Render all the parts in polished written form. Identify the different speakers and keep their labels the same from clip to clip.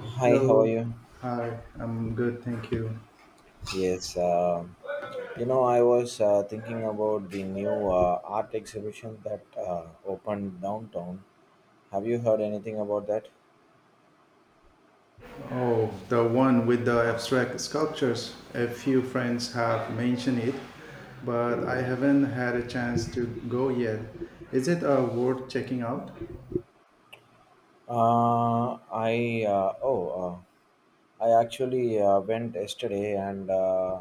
Speaker 1: Hi, how are
Speaker 2: Hello.
Speaker 1: you?
Speaker 2: Hi, I'm good, thank you.
Speaker 1: Yes, I was thinking about the new art exhibition that opened downtown. Have you heard anything about that?
Speaker 2: Oh, the one with the abstract sculptures. A few friends have mentioned it, but I haven't had a chance to go yet. Is it worth checking out?
Speaker 1: Uh, I uh, oh, uh, I actually went yesterday, and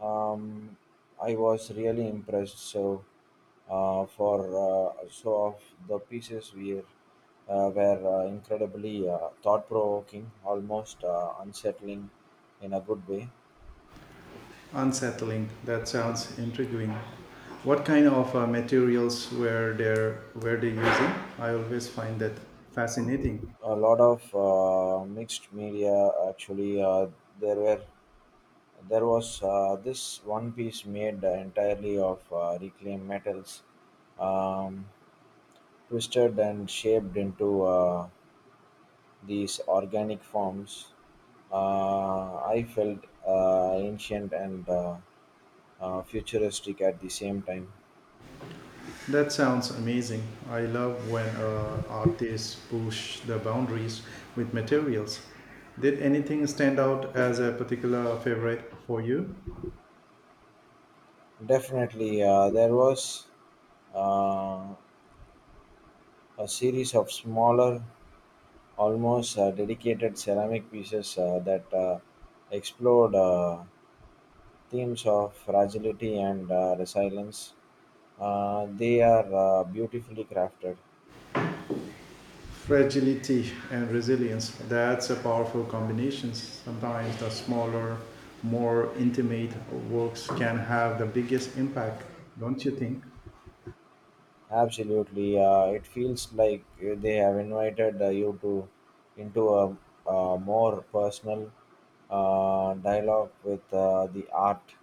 Speaker 1: um, I was really impressed. So, for so of the pieces we were incredibly thought-provoking, almost unsettling in a good way.
Speaker 2: Unsettling. That sounds intriguing. What kind of materials were they using? I always find that fascinating.
Speaker 1: A lot of mixed media actually there were there was this one piece made entirely of reclaimed metals, um, twisted and shaped into these organic forms. I felt ancient and futuristic at the same time.
Speaker 2: That sounds amazing. I love when artists push the boundaries with materials. Did anything stand out as a particular favorite for you?
Speaker 1: Definitely. There was uh, a series of smaller, almost dedicated ceramic pieces that explored themes of fragility and resilience. They are beautifully crafted.
Speaker 2: Fragility and resilience. That's a powerful combination. Sometimes the smaller, more intimate works can have the biggest impact, don't you think?
Speaker 1: Absolutely, it feels like they have invited you to into a more personal dialogue with the art.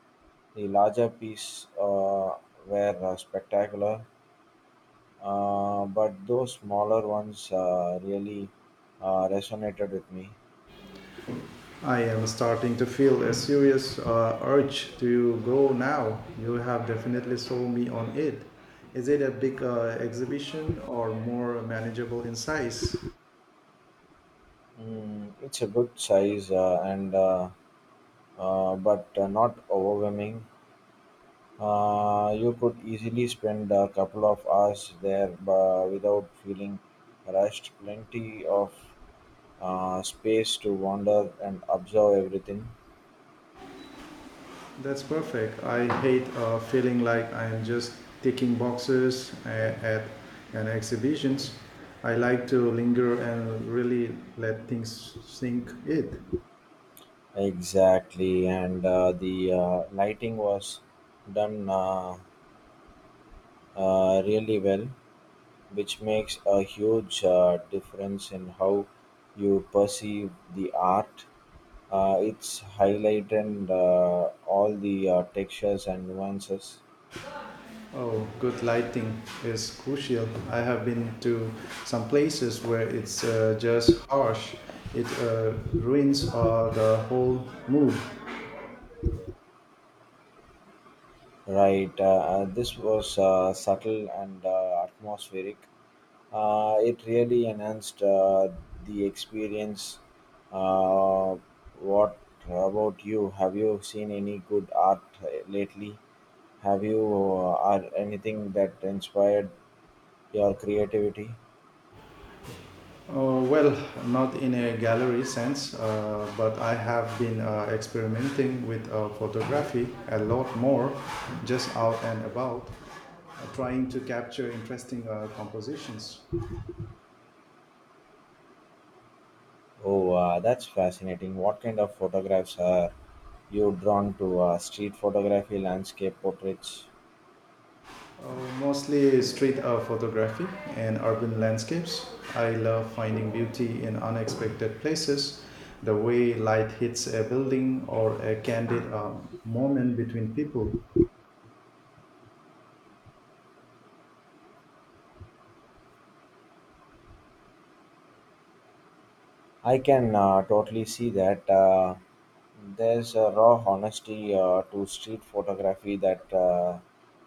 Speaker 1: The larger piece were spectacular, but those smaller ones really resonated with me.
Speaker 2: I am starting to feel a serious urge to go now. You have definitely sold me on it. Is it a big exhibition or more manageable in size?
Speaker 1: Mm, it's a good size and but not overwhelming. You could easily spend a couple of hours there without feeling rushed. Plenty of space to wander and observe everything.
Speaker 2: That's perfect. I hate feeling like I am just ticking boxes at an exhibitions. I like to linger and really let things sink in.
Speaker 1: Exactly, and the lighting was done really well, which makes a huge difference in how you perceive the art. It's highlighted all the textures and nuances.
Speaker 2: Oh, good lighting is crucial. I have been to some places where it's just harsh. It ruins the whole mood.
Speaker 1: Right, this was subtle and atmospheric. It really enhanced the experience. Uh, what about you? Have you seen any good art lately? Have you are anything that inspired your creativity?
Speaker 2: Well, not in a gallery sense, but I have been experimenting with photography a lot more, just out and about, trying to capture interesting compositions.
Speaker 1: Oh, that's fascinating. What kind of photographs are you drawn to? Street photography, landscape portraits?
Speaker 2: Oh, mostly street art photography and urban landscapes. I love finding beauty in unexpected places, the way light hits a building or a candid moment between people.
Speaker 1: I can totally see that. There's a raw honesty to street photography that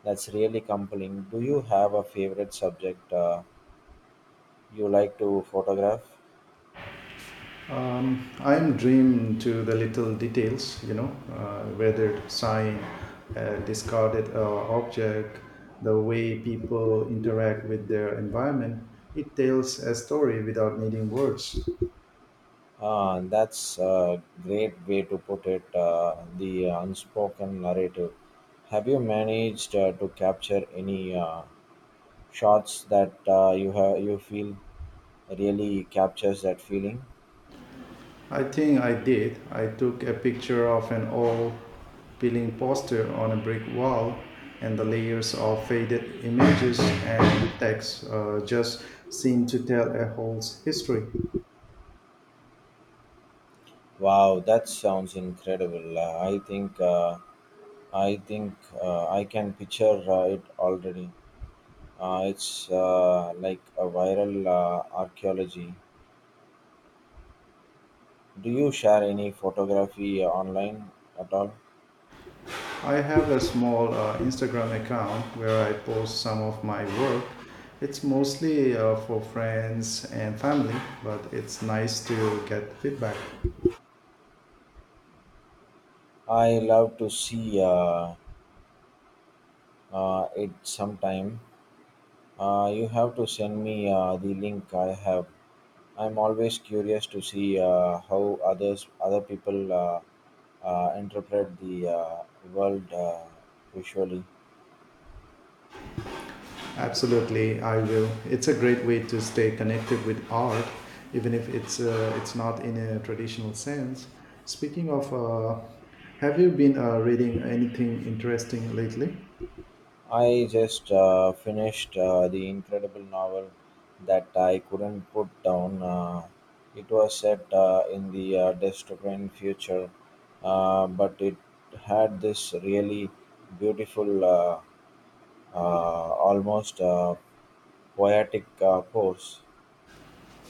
Speaker 1: that's really compelling. Do you have a favorite subject you like to photograph?
Speaker 2: I'm drawn to the little details, you know, whether sign, a discarded object, the way people interact with their environment. It tells a story without needing words.
Speaker 1: Ah, that's a great way to put it. The unspoken narrative. Have you managed to capture any shots that you have you feel really captures that feeling?
Speaker 2: I think I did. I took a picture of an old peeling poster on a brick wall and the layers of faded images and text just seem to tell a whole history.
Speaker 1: Wow, that sounds incredible. I think I can picture it already. It's like a viral archaeology. Do you share any photography online at all?
Speaker 2: I have a small Instagram account where I post some of my work. It's mostly for friends and family, but it's nice to get feedback.
Speaker 1: I love to see it sometime. You have to send me the link. I have. I'm always curious to see how other people interpret the world visually.
Speaker 2: Absolutely, I will. It's a great way to stay connected with art, even if it's not in a traditional sense. Speaking of, have you been reading anything interesting lately?
Speaker 1: I just finished the incredible novel that I couldn't put down. It was set in the dystopian future, but it had this really beautiful, almost poetic pose.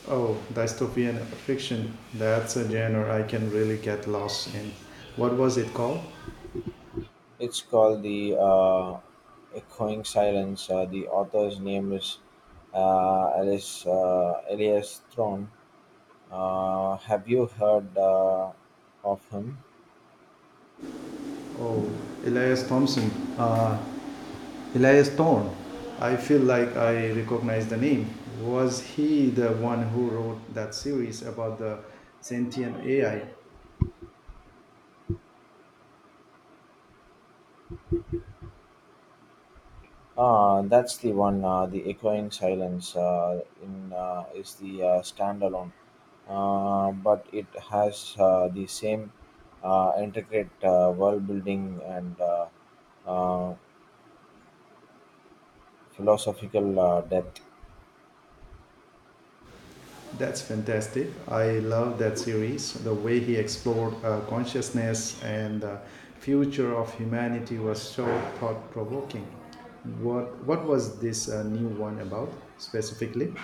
Speaker 2: Oh, dystopian fiction. That's a genre I can really get lost in. What was it called?
Speaker 1: It's called The Echoing Silence. The author's name is Elias Throne. Have you heard of him?
Speaker 2: Oh, Elias Thompson. Uh, Elias Thorne. I feel like I recognize the name. Was he the one who wrote that series about the sentient AI?
Speaker 1: Ah, that's the one. The echoing silence in is the standalone, but it has the same intricate world building and uh, philosophical depth.
Speaker 2: That's fantastic. I love that series. The way he explored consciousness and the future of humanity was so thought provoking. What was this new one about specifically?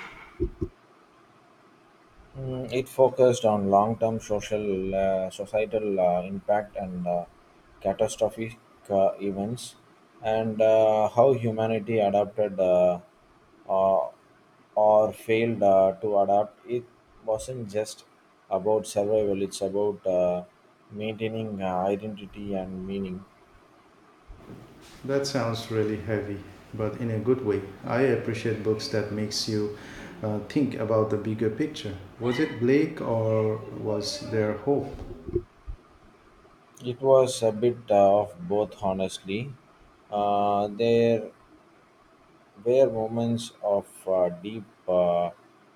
Speaker 1: Mm, it focused on long-term societal impact and catastrophic events, and how humanity adapted uh, or failed to adapt. It wasn't just about survival; it's about maintaining identity and meaning.
Speaker 2: That sounds really heavy, but in a good way. I appreciate books that makes you think about the bigger picture. Was it Blake or was there hope?
Speaker 1: It was a bit of both, honestly. There were moments of deep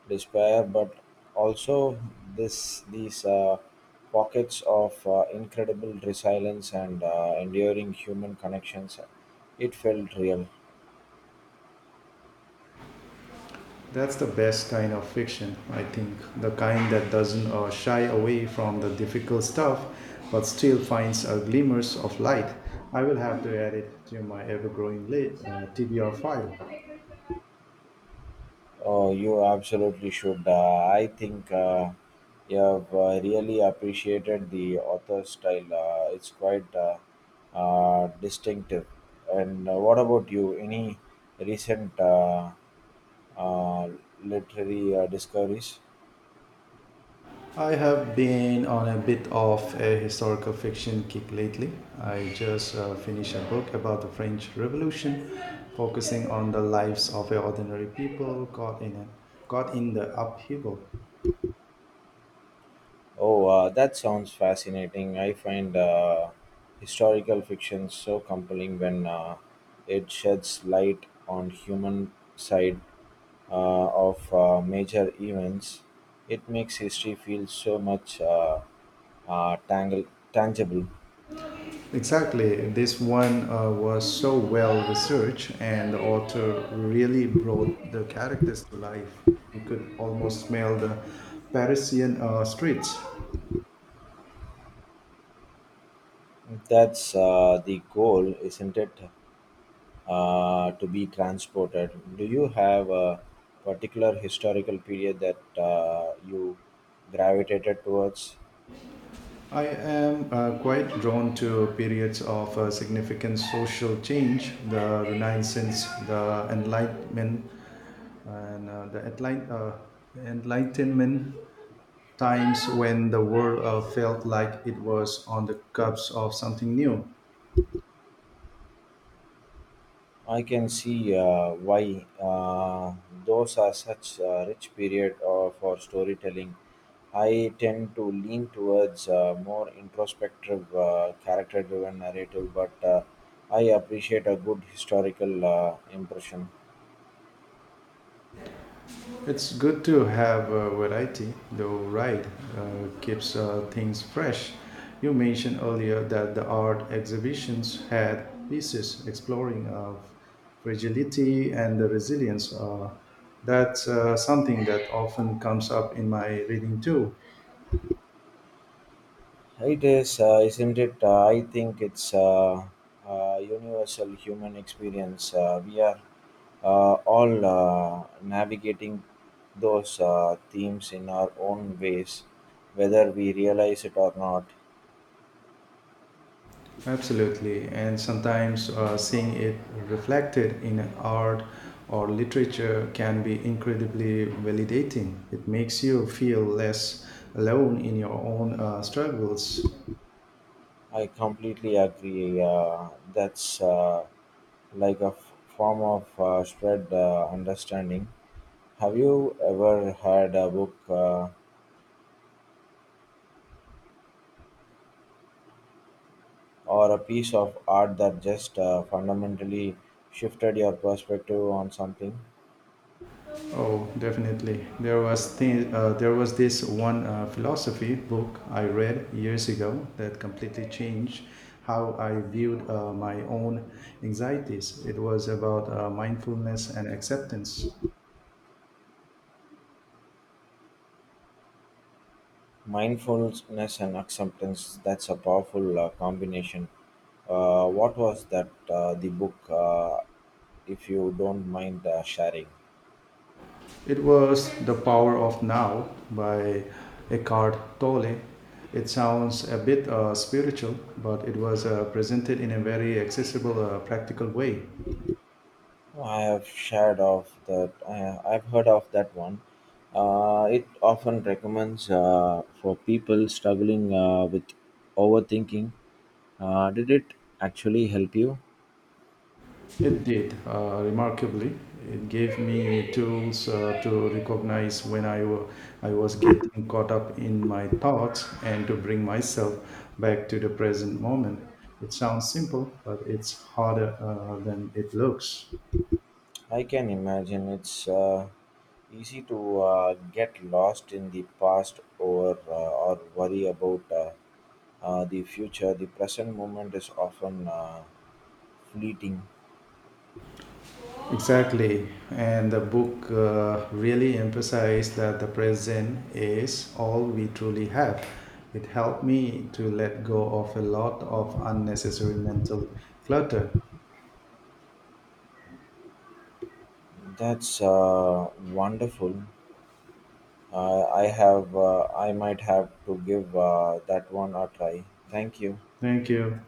Speaker 1: despair, but also this these pockets of incredible resilience and enduring human connections. It felt real.
Speaker 2: That's the best kind of fiction, I think. The kind that doesn't shy away from the difficult stuff, but still finds a glimmers of light. I will have to add it to my ever-growing TBR file.
Speaker 1: Oh, you absolutely should. I think you have really appreciated the author's style. It's quite distinctive. And what about you? Any recent uh, literary discoveries?
Speaker 2: I have been on a bit of a historical fiction kick lately. I just finished a book about the French Revolution, focusing on the lives of ordinary people caught in the upheaval.
Speaker 1: Oh, that sounds fascinating. I find historical fiction so compelling when it sheds light on human side of major events. It makes history feel so much tangible.
Speaker 2: Exactly, this one was so well researched, and the author really brought the characters to life. You could almost smell the Parisian streets.
Speaker 1: That's the goal, isn't it? To be transported. Do you have a particular historical period that you gravitated towards?
Speaker 2: I am quite drawn to periods of significant social change, the Renaissance, the Enlightenment, and the Enlightenment times when the world felt like it was on the cusp of something new.
Speaker 1: I can see why those are such a rich period for storytelling. I tend to lean towards more introspective, character driven narrative, but I appreciate a good historical impression.
Speaker 2: It's good to have a variety, though, right? Keeps things fresh. You mentioned earlier that the art exhibitions had pieces exploring of fragility and the resilience. That's something that often comes up in my reading too.
Speaker 1: It is, isn't it? I think it's a universal human experience. We are all navigating those themes in our own ways, whether we realize it or not.
Speaker 2: Absolutely, and sometimes seeing it reflected in art or literature can be incredibly validating. It makes you feel less alone in your own struggles.
Speaker 1: I completely agree. That's like a form of spread understanding. Have you ever had a book, or a piece of art that just fundamentally shifted your perspective on something?
Speaker 2: Oh, definitely. There was this one philosophy book I read years ago that completely changed how I viewed my own anxieties. It was about mindfulness and acceptance.
Speaker 1: Mindfulness and acceptance, that's a powerful combination. What was that, the book, if you don't mind sharing?
Speaker 2: It was The Power of Now by Eckhart Tolle. It sounds a bit spiritual, but it was presented in a very accessible, practical way.
Speaker 1: Oh, I've heard of that one. It often recommends for people struggling with overthinking. Did it actually help you?
Speaker 2: It did, remarkably. It gave me tools to recognize when I was getting caught up in my thoughts and to bring myself back to the present moment. It sounds simple, but it's harder than it looks.
Speaker 1: I can imagine it's easy to get lost in the past or worry about the future. The present moment is often fleeting.
Speaker 2: Exactly. And the book really emphasized that the present is all we truly have. It helped me to let go of a lot of unnecessary mental clutter.
Speaker 1: That's wonderful. I might have to give that one a try. Thank you.
Speaker 2: Thank you.